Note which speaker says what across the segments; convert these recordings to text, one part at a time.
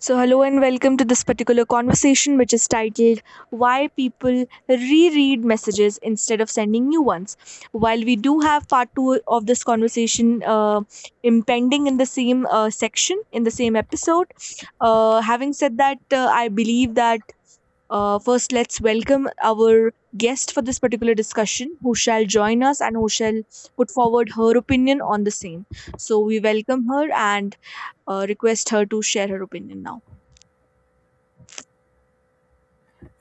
Speaker 1: So, hello and welcome to this particular conversation, which is titled Why People Reread Messages Instead of Sending New Ones. While we do have part two of this conversation impending in the same section, in the same episode, having said that, I believe that first let's welcome our guest for this particular discussion who shall join us and who shall put forward her opinion on the same. So, we welcome her and request her to share her opinion now.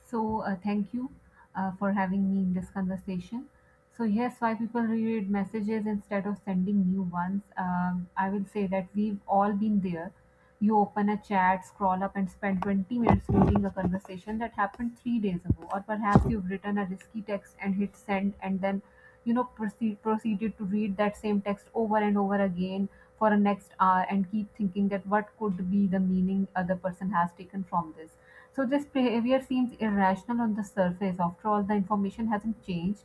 Speaker 2: Thank you for having me in this conversation. So yes, why people reread messages instead of sending new ones. I will say that we've all been there. You open a chat, scroll up, and spend 20 minutes reading a conversation that happened three days ago. Or perhaps you've written a risky text and hit send, and then proceeded to read that same text over and over again for the next hour and keep thinking that what could be the meaning other person has taken from this. So this behavior seems irrational on the surface. After all, the information hasn't changed,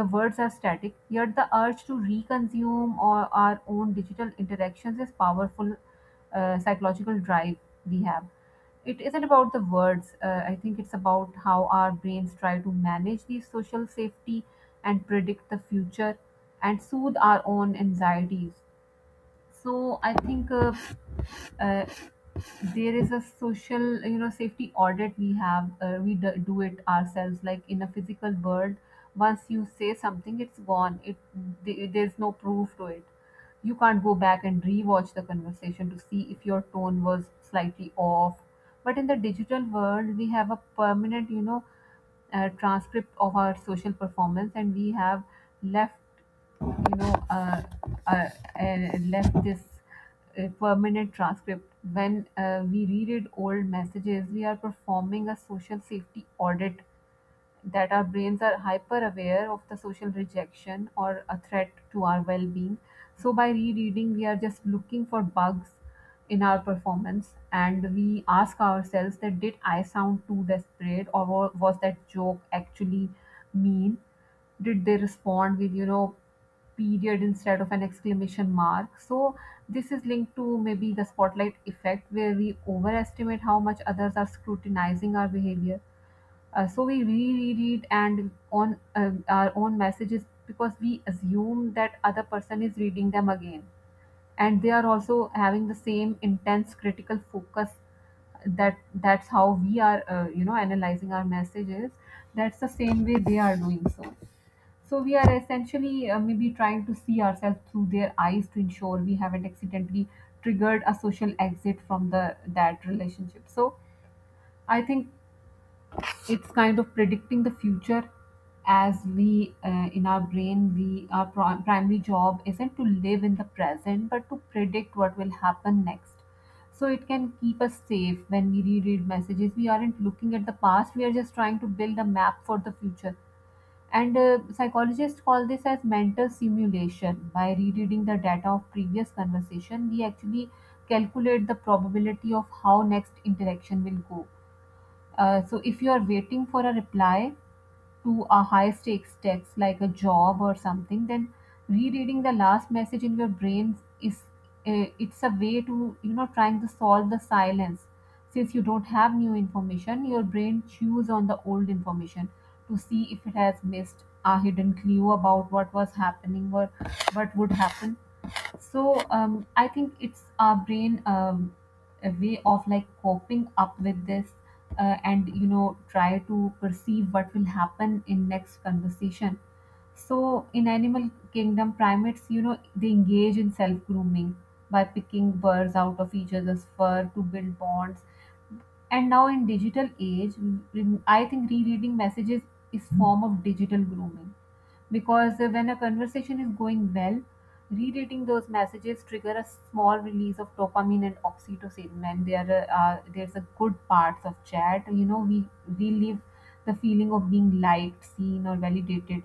Speaker 2: the words are static, yet the urge to reconsume or our own digital interactions is powerful. Psychological drive we have. It isn't about the words. I think it's about how our brains try to manage the social safety and predict the future and soothe our own anxieties. So I think uh, there is a social, you know, safety audit we have. We do it ourselves, like in a physical world. Once you say something, it's gone. There's no proof to it. You can't go back and rewatch the conversation to see if your tone was slightly off. But in the digital world we have a permanent, you know, transcript of our social performance, and we have left you know uh, left this permanent transcript. When we reread old messages, we are performing a social safety audit. That our brains are hyper aware of the social rejection or a threat to our well being. So, by rereading, we are just looking for bugs in our performance, and we ask ourselves that did I sound too desperate, or was that joke actually mean? Did they respond with, you know, period instead of an exclamation mark? So this is linked to maybe the spotlight effect, where we overestimate how much others are scrutinizing our behavior. So we reread it and on our own messages because we assume that other person is reading them again, and they are also having the same intense critical focus. That that's how we are you know analyzing our messages, that's the same way they are doing so. So we are essentially, maybe, trying to see ourselves through their eyes to ensure we haven't accidentally triggered a social exit from the that relationship. So I think it's kind of predicting the future. As we, in our brain, we our primary job isn't to live in the present but to predict what will happen next, so it can keep us safe. When we reread messages, we aren't looking at the past, we are just trying to build a map for the future. And psychologists call this as mental simulation. By rereading the data of previous conversation we actually calculate the probability of how next interaction will go. So if you are waiting for a reply to a high stakes text like a job or something, then rereading the last message in your brain is, it's a way to you know trying to solve the silence. Since you don't have new information, your brain chews on the old information to see if it has missed a hidden clue about what was happening or what would happen. So I think it's our brain, a way of like coping up with this, and you know try to perceive what will happen in next conversation. So in animal kingdom, primates, you know, they engage in self grooming by picking burrs out of each other's fur to build bonds. And now in digital age, I think rereading messages is form of digital grooming. Because when a conversation is going well, rereading those messages trigger a small release of dopamine and oxytocin, and there are, there's a good parts of chat, you know, we relive the feeling of being liked, seen, or validated.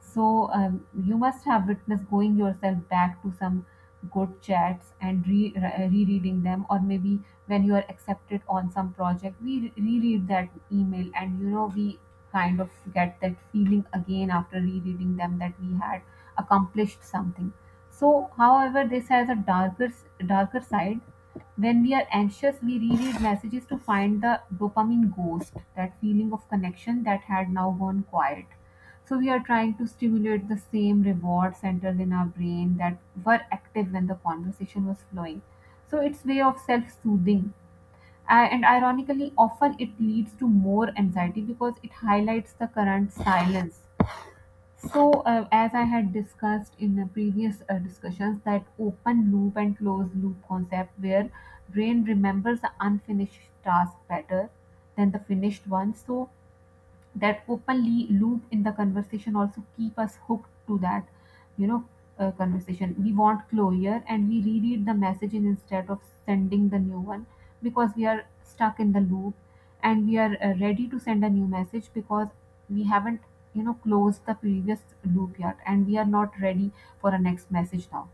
Speaker 2: So you must have witnessed going yourself back to some good chats and rereading them, or maybe when you are accepted on some project, we reread that email, and you know we kind of get that feeling again after rereading them, that we had accomplished something. So, however, this has a darker side. When we are anxious, we reread messages to find the dopamine ghost, that feeling of connection that had now gone quiet. So we are trying to stimulate the same reward centers in our brain that were active when the conversation was flowing. So it's way of self-soothing. And ironically, often it leads to more anxiety because it highlights the current silence. So, as I had discussed in the previous discussions, that open loop and closed loop concept, where brain remembers the unfinished task better than the finished one. So, that openly loop in the conversation also keep us hooked to that, you know, conversation. We want closure, and we reread the message instead of sending the new one because we are stuck in the loop. And we are ready to send a new message because we haven't, you know, closed the previous loop yet, and we are not ready for a next message now.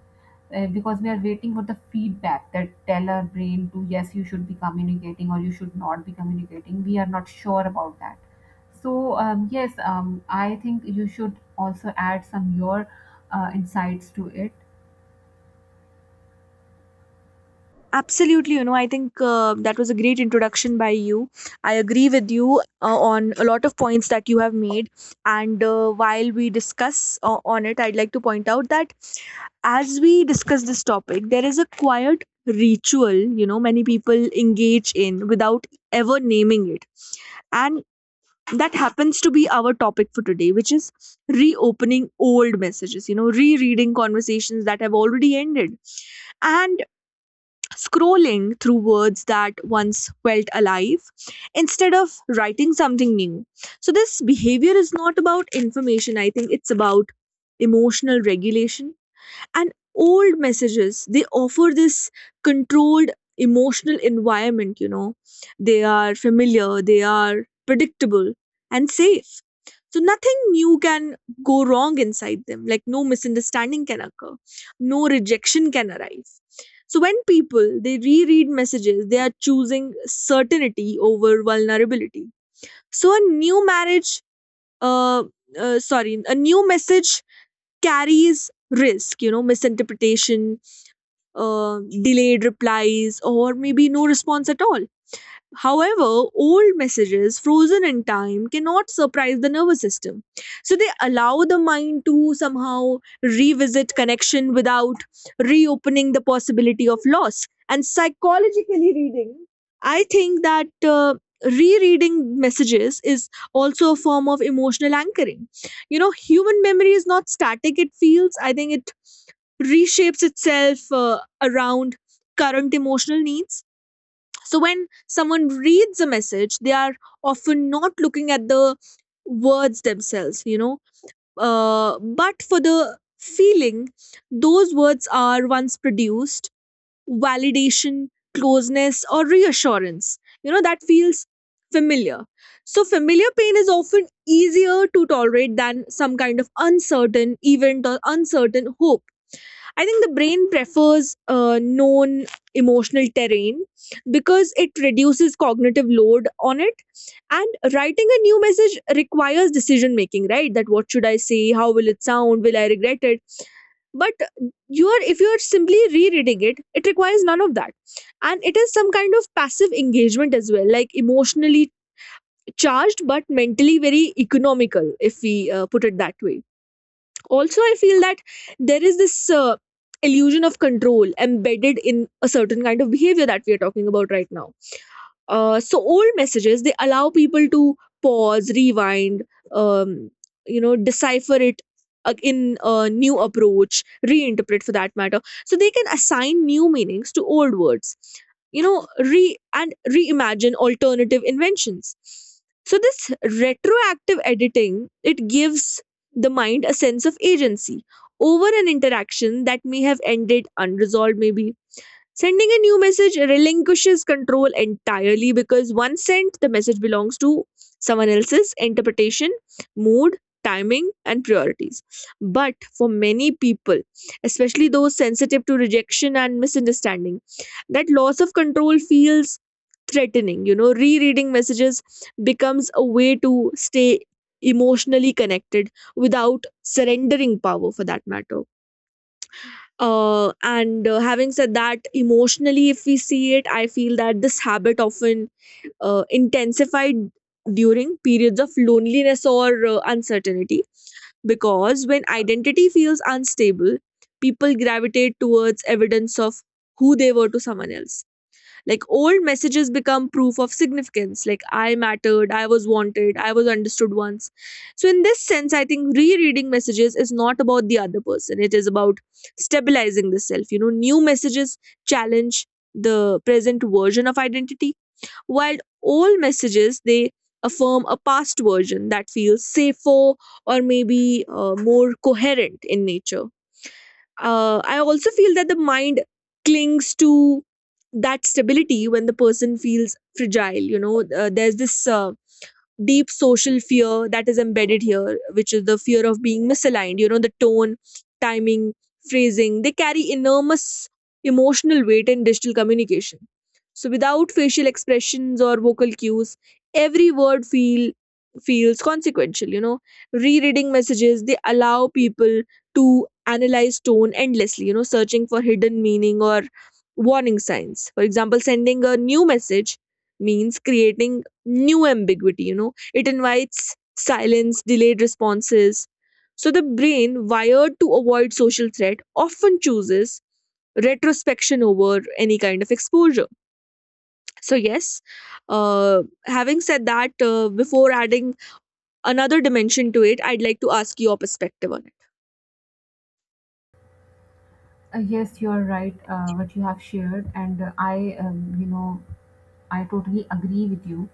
Speaker 2: Because we are waiting for the feedback that tell our brain to yes you should be communicating or you should not be communicating. We are not sure about that. So yes, I think you should also add some your insights to it.
Speaker 1: Absolutely, you know, I think that was a great introduction by you. I agree with you on a lot of points that you have made. And while we discuss on it, I'd like to point out that as we discuss this topic, there is a quiet ritual, you know, many people engage in without ever naming it. And that happens to be our topic for today, which is reopening old messages, you know, rereading conversations that have already ended, and scrolling through words that once felt alive instead of writing something new. So, this behavior is not about information, I think it's about emotional regulation, and old messages, they offer this controlled emotional environment, you know. They are familiar, they are predictable, and safe. So nothing new can go wrong inside them. Like, no misunderstanding can occur, no rejection can arise. So when people, they reread messages, they are choosing certainty over vulnerability. So a new marriage, uh, sorry, a new message carries risk, you know, misinterpretation, delayed replies, or maybe no response at all. However, old messages frozen in time cannot surprise the nervous system. So they allow the mind to somehow revisit connection without reopening the possibility of loss. And psychologically reading, I think that rereading messages is also a form of emotional anchoring. You know, human memory is not static, it feels, I think it reshapes itself around current emotional needs. So when someone reads a message, they are often not looking at the words themselves, you know, but for the feeling those words are once produced: validation, closeness, or reassurance. You know, that feels familiar. So, familiar pain is often easier to tolerate than some kind of uncertain event or uncertain hope. I think the brain prefers known emotional terrain because it reduces cognitive load on it. And writing a new message requires decision making, right? That what should I say? How will it sound? Will I regret it? But you are, if you are simply rereading it, it requires none of that. And it is some kind of passive engagement as well, like emotionally charged but mentally very economical, if we put it that way. Also, I feel that there is this illusion of control embedded in a certain kind of behavior that we are talking about right now. So old messages, they allow people to pause, rewind, um, you know, decipher it in a new approach, reinterpret, for that matter. So they can assign new meanings to old words. You know, re and reimagine alternative inventions. So this retroactive editing, it gives the mind a sense of agency over an interaction that may have ended unresolved, maybe. Sending a new message relinquishes control entirely, because once sent, the message belongs to someone else's interpretation, mood, timing, and priorities. But for many people, especially those sensitive to rejection and misunderstanding, that loss of control feels threatening. You know, rereading messages becomes a way to stay emotionally connected without surrendering power, for that matter. And having said that, emotionally, if we see it, I feel that this habit often intensified during periods of loneliness or uncertainty, because when identity feels unstable, people gravitate towards evidence of who they were to someone else. Like, old messages become proof of significance, like I mattered, I was wanted, I was understood once. So, in this sense, I think rereading messages is not about the other person, it is about stabilizing the self. You know, new messages challenge the present version of identity, while old messages, they affirm a past version that feels safer or maybe more coherent in nature. I also feel that the mind clings to that stability when the person feels fragile. You know, there's this. Deep social fear that is embedded here, which is the fear of being misaligned. You know, the tone, timing, phrasing, they carry enormous emotional weight in digital communication. So without facial expressions or vocal cues, every word feels consequential, you know. Rereading messages, they allow people to analyze tone endlessly, you know, searching for hidden meaning or warning signs. For example, sending a new message means creating new ambiguity, you know, it invites silence, delayed responses. So the brain, wired to avoid social threat, often chooses retrospection over any kind of exposure. So, yes, having said that, before adding another dimension to it, I'd like to ask your perspective on.
Speaker 2: Yes, you're right. What you have shared, and I, you know, I totally agree with you.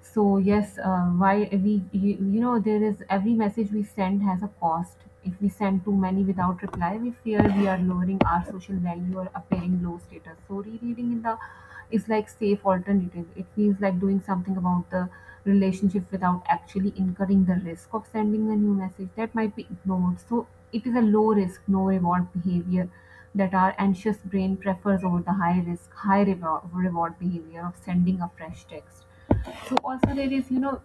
Speaker 2: So yes, why you know, there is every message we send has a cost. If we send too many without reply, we fear we are lowering our social value or appearing low status. So rereading in the is like safe alternative. It feels like doing something about the relationship without actually incurring the risk of sending a new message that might be ignored. So it is a low risk, no reward behavior that our anxious brain prefers over the high risk, high reward, reward behavior of sending a fresh text. So also there is, you know,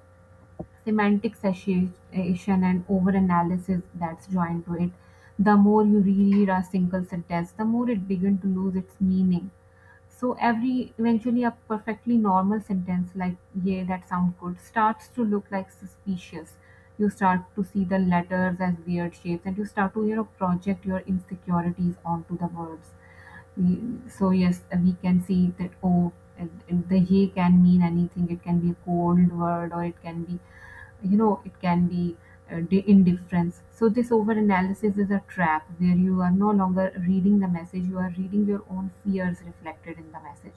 Speaker 2: semantic satiation and over analysis that's joined to it. The more you reread a single sentence, the more it begins to lose its meaning. So every eventually a perfectly normal sentence like yeah that sounds good starts to look like suspicious. You start to see the letters as weird shapes, and you start to you know project your insecurities onto the words. We- So yes, we can see that, oh, and the ye can mean anything. It can be a cold word, or it can be, you know, it can be, indifference. So this over analysis is a trap, where you are no longer reading the message, you are reading your own fears reflected in the message.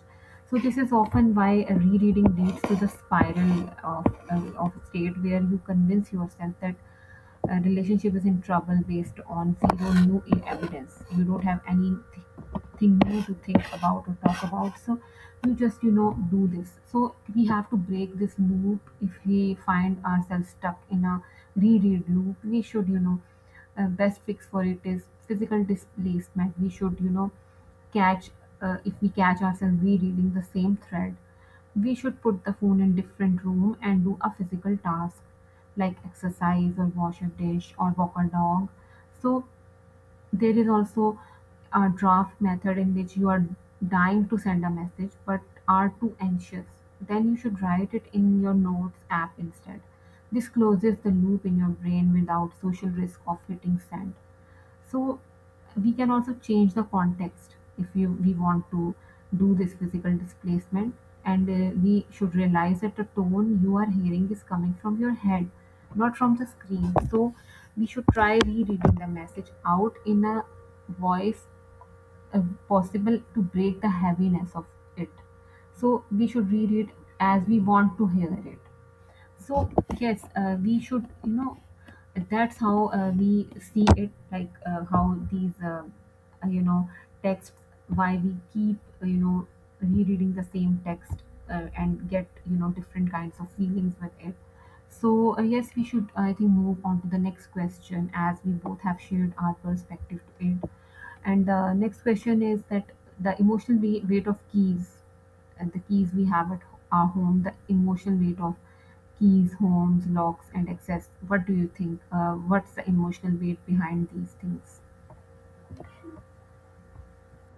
Speaker 2: So this is often why a rereading leads to the spiral of, of state where you convince yourself that a relationship is in trouble based on zero new evidence. You don't have anything thing new to think about or talk about, so you just, you know, do this. So we have to break this loop. If we find ourselves stuck in a reread loop, we should, you know, best fix for it is physical displacement. We should, you know, catch, if we catch ourselves rereading the same thread, we should put the phone in different room and do a physical task, like exercise or wash a dish or walk a dog. So there is also a draft method, in which you are dying to send a message but are too anxious. Then you should write it in your notes app instead. This closes the loop in your brain without social risk of hitting send. So we can also change the context if you, we want to do this physical displacement. And we should realize that the tone you are hearing is coming from your head, not from the screen. So we should try rereading the message out in a voice, uh, possible to break the heaviness of it. So we should read it as we want to hear it. So yes, we should, you know, that's how we see it, like how these, you know, texts, why we keep, you know, rereading the same text, and get, you know, different kinds of feelings with it. So yes, we should I think move on to the next question, as we both have shared our perspective to it. And the next question is that the emotional weight of keys and the keys we have at our home, the emotional weight of keys, homes, locks, and access. What do you think? What's the emotional weight behind these things?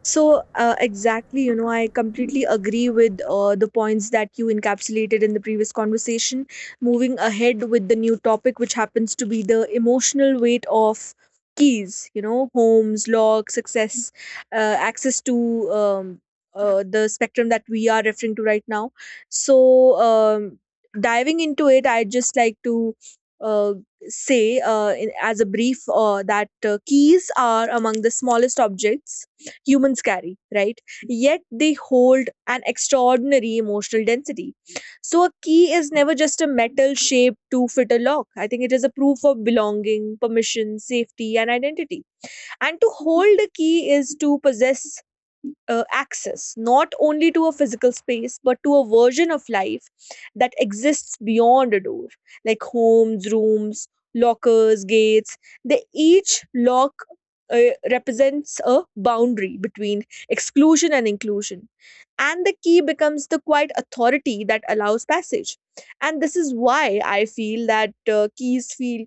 Speaker 1: So, exactly, you know, I completely agree with the points that you encapsulated in the previous conversation. Moving ahead with the new topic, which happens to be the emotional weight of keys, you know, homes, locks, success, access to the spectrum that we are referring to right now. So, diving into it, I'd just like to uh, say, as a brief, that keys are among the smallest objects humans carry, right? Yet they hold an extraordinary emotional density. So, a key is never just a metal shape to fit a lock. I think it is a proof of belonging, permission, safety, and identity. And to hold a key is to possess access, not only to a physical space but to a version of life that exists beyond a door. Like, homes, rooms, lockers, gates, they each lock, represents a boundary between exclusion and inclusion, and the key becomes the quiet authority that allows passage. And this is why I feel that keys feel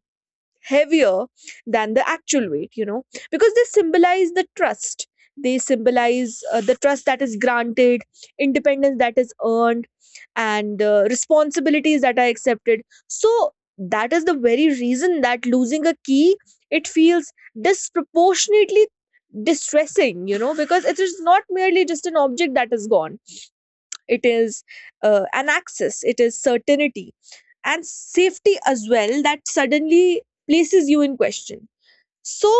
Speaker 1: heavier than the actual weight, you know, because they symbolize the trust. They symbolize the trust that is granted, independence that is earned, and responsibilities that are accepted. So that is the very reason that losing a key, it feels disproportionately distressing, you know, because it is not merely just an object that is gone. It is an access, it is certainty and safety as well, that suddenly places you in question. So,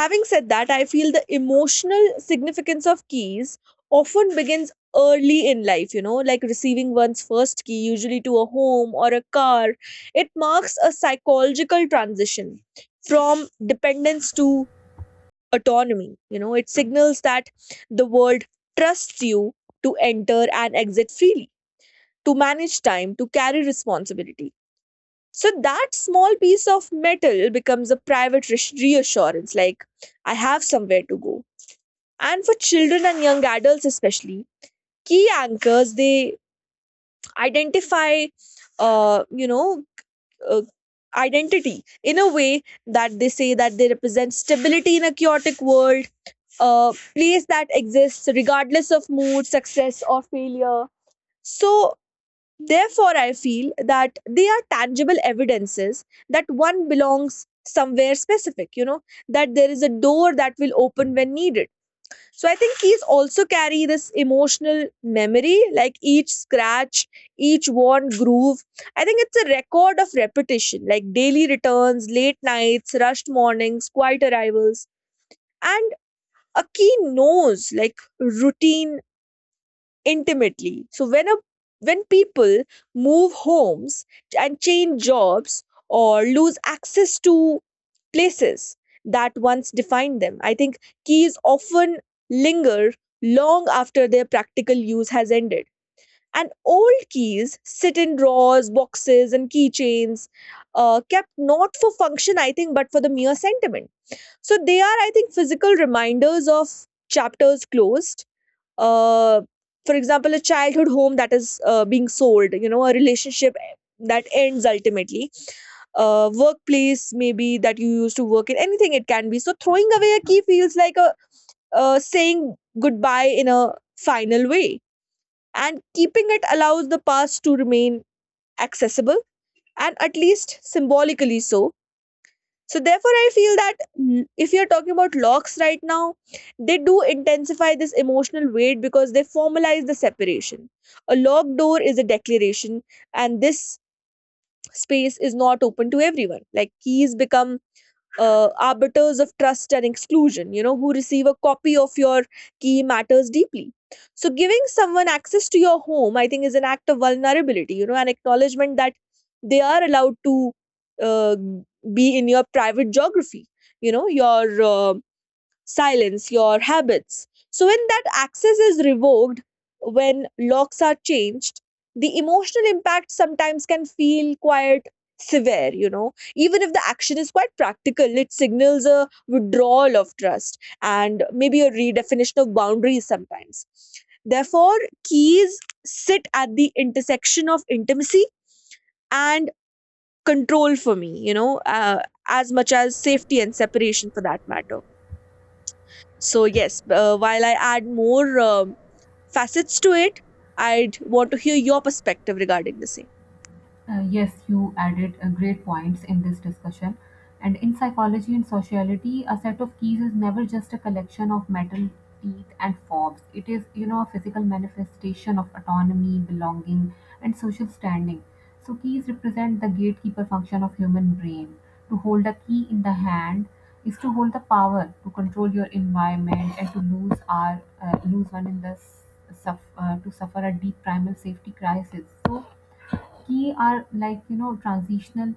Speaker 1: having said that, I feel the emotional significance of keys often begins early in life, you know, like receiving one's first key, usually to a home or a car. It marks a psychological transition from dependence to autonomy. You know, it signals that the world trusts you to enter and exit freely, to manage time, to carry responsibility. So that small piece of metal becomes a private reassurance, like, I have somewhere to go. And for children and young adults especially, key anchors, they identify, uh, you know, uh, identity in a way, that they say that they represent stability in a chaotic world, a place that exists regardless of mood, success, or failure. So Therefore, I feel that they are tangible evidences that one belongs somewhere specific, you know, that there is a door that will open when needed. So I think keys also carry this emotional memory, like each scratch, each worn groove. I think it's a record of repetition, like daily returns, late nights, rushed mornings, quiet arrivals. And a key knows, like, routine intimately. So when people move homes and change jobs or lose access to places that once defined them, I think keys often linger long after their practical use has ended. And old keys sit in drawers, boxes, and keychains, kept not for function, I think, but for the mere sentiment. So they are, I think, physical reminders of chapters closed, uh, for example, a childhood home that is being sold, you know, a relationship that ends ultimately, workplace maybe that you used to work in, anything it can be. So throwing away a key feels like a saying goodbye in a final way, and keeping it allows the past to remain accessible, and at least symbolically so. So therefore, I feel that, if you're talking about locks right now, they do intensify this emotional weight because they formalize the separation. A locked door is a declaration, and this space is not open to everyone. Like, keys become arbiters of trust and exclusion, you know, who receive a copy of your key matters deeply. So, giving someone access to your home, I think, is an act of vulnerability, you know, an acknowledgement that they are allowed to uh, be in your private geography, you know, your silence, your habits. So, when that access is revoked, when locks are changed, the emotional impact sometimes can feel quite severe, you know. Even if the action is quite practical, it signals a withdrawal of trust and maybe a redefinition of boundaries sometimes. Therefore, keys sit at the intersection of intimacy and control for me, you know, as much as safety and separation, for that matter. So yes, while I add more facets to it, I'd want to hear your perspective regarding the same.
Speaker 2: Yes, you added great points in this discussion. And in psychology and sociality, a set of keys is never just a collection of metal teeth and fobs. It is a physical manifestation of autonomy, belonging, and social standing. So keys represent the gatekeeper function of human brain. To hold a key in the hand is to hold the power to control your environment, and to lose one in the s- suff- to suffer a deep primal safety crisis. So key are like transitional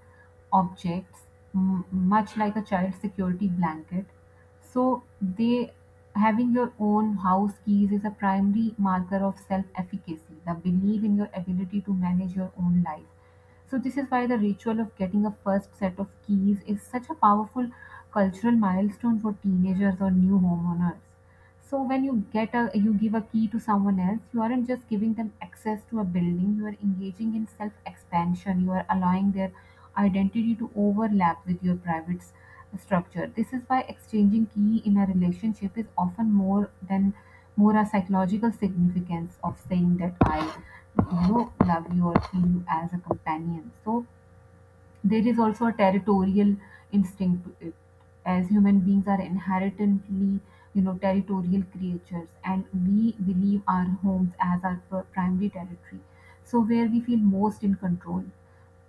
Speaker 2: objects, much like a child security blanket. So they having your own house keys is a primary marker of self efficacy, the belief in your ability to manage your own life. So this is why the ritual of getting a first set of keys is such a powerful cultural milestone for teenagers or new homeowners. So when you give a key to someone else, you aren't just giving them access to a building. You are engaging in self expansion. You are allowing their identity to overlap with your private structure. This is why exchanging key in a relationship is often more a psychological significance of saying that I love you or feel you as a companion. So there is also a territorial instinct to it, as human beings are inherently territorial creatures, and we believe our homes as our primary territory, so where we feel most in control.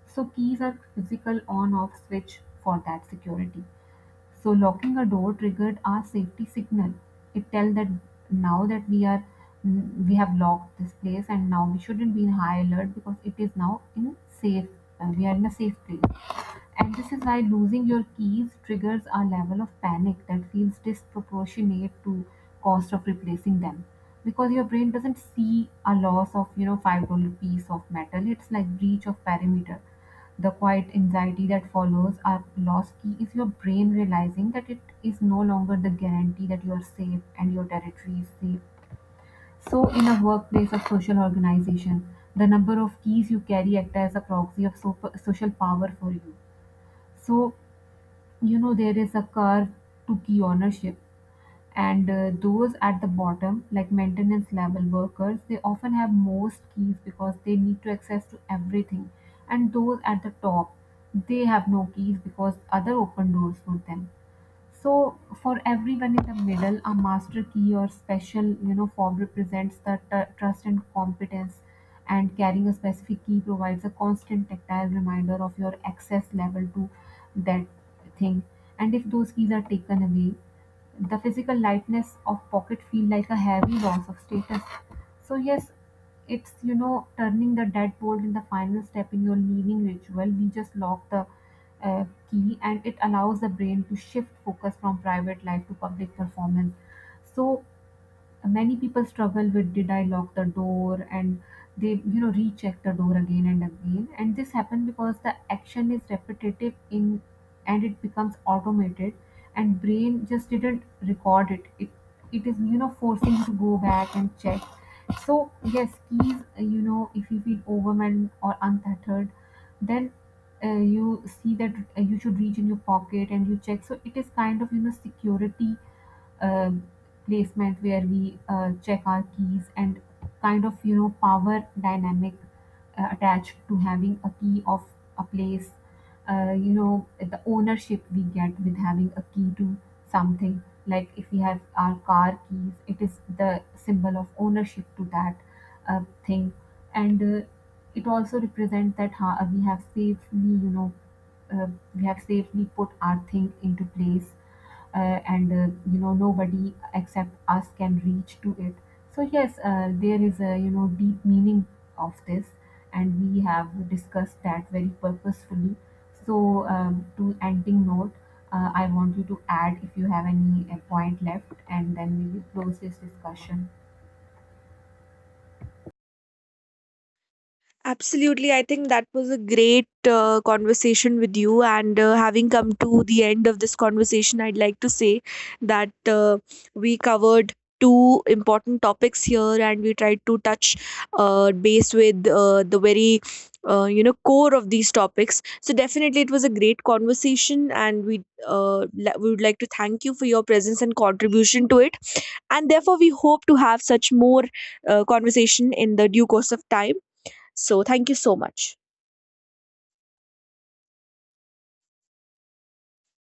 Speaker 2: So keys are physical on-off switch for that security. So locking a door triggered our safety signal. It tells that now that we have locked this place, and now we shouldn't be in high alert because it is now in safe we are in a safe place. And this is why losing your keys triggers a level of panic that feels disproportionate to cost of replacing them, because your brain doesn't see a loss of $5 piece of metal. It's like breach of perimeter. The quiet anxiety that follows a lost key is your brain realizing that it is no longer the guarantee that you are safe and your territory is safe. So, in a workplace or social organization, the number of keys you carry act as a proxy of social power for you. So, there is a curve to key ownership, and those at the bottom, like maintenance level workers, they often have most keys because they need to access to everything. And those at the top, they have no keys because other open doors for them. So for everyone in the middle, a master key or special form represents the trust and competence. And carrying a specific key provides a constant tactile reminder of your access level to that thing. And if those keys are taken away, the physical lightness of pocket feel like a heavy loss of status. So yes, it's turning the deadbolt in the final step in your leaving ritual. We just lock the uh, key, and it allows the brain to shift focus from private life to public performance. So many people struggle with did I lock the door, and they recheck the door again and again. And this happens because the action is repetitive in and it becomes automated, and brain just didn't record it. It is forcing you to go back and check. So yes, keys, if you feel overwhelmed or untethered, then you see that you should reach in your pocket and you check. So it is kind of security uh, placement where we check our keys, and kind of power dynamic attached to having a key of a place, the ownership we get with having a key to something. Like if we have our car keys, it is the symbol of ownership to that thing. And it also represents that ha we have safely, uh, we have safely put our thing into place. And nobody except us can reach to it. So yes, there is a deep meaning of this, and we have discussed that very purposefully. So, to ending note, I want you to add if you have any point left, and then we will close this discussion.
Speaker 1: Absolutely. I think that was a great conversation with you. And having come to the end of this conversation, I'd like to say that we covered two important topics here, and we tried to touch base with the very you know, core of these topics. So definitely it was a great conversation, and we we would like to thank you for your presence and contribution to it, and therefore we hope to have such more conversation in the due course of time. So thank you so much.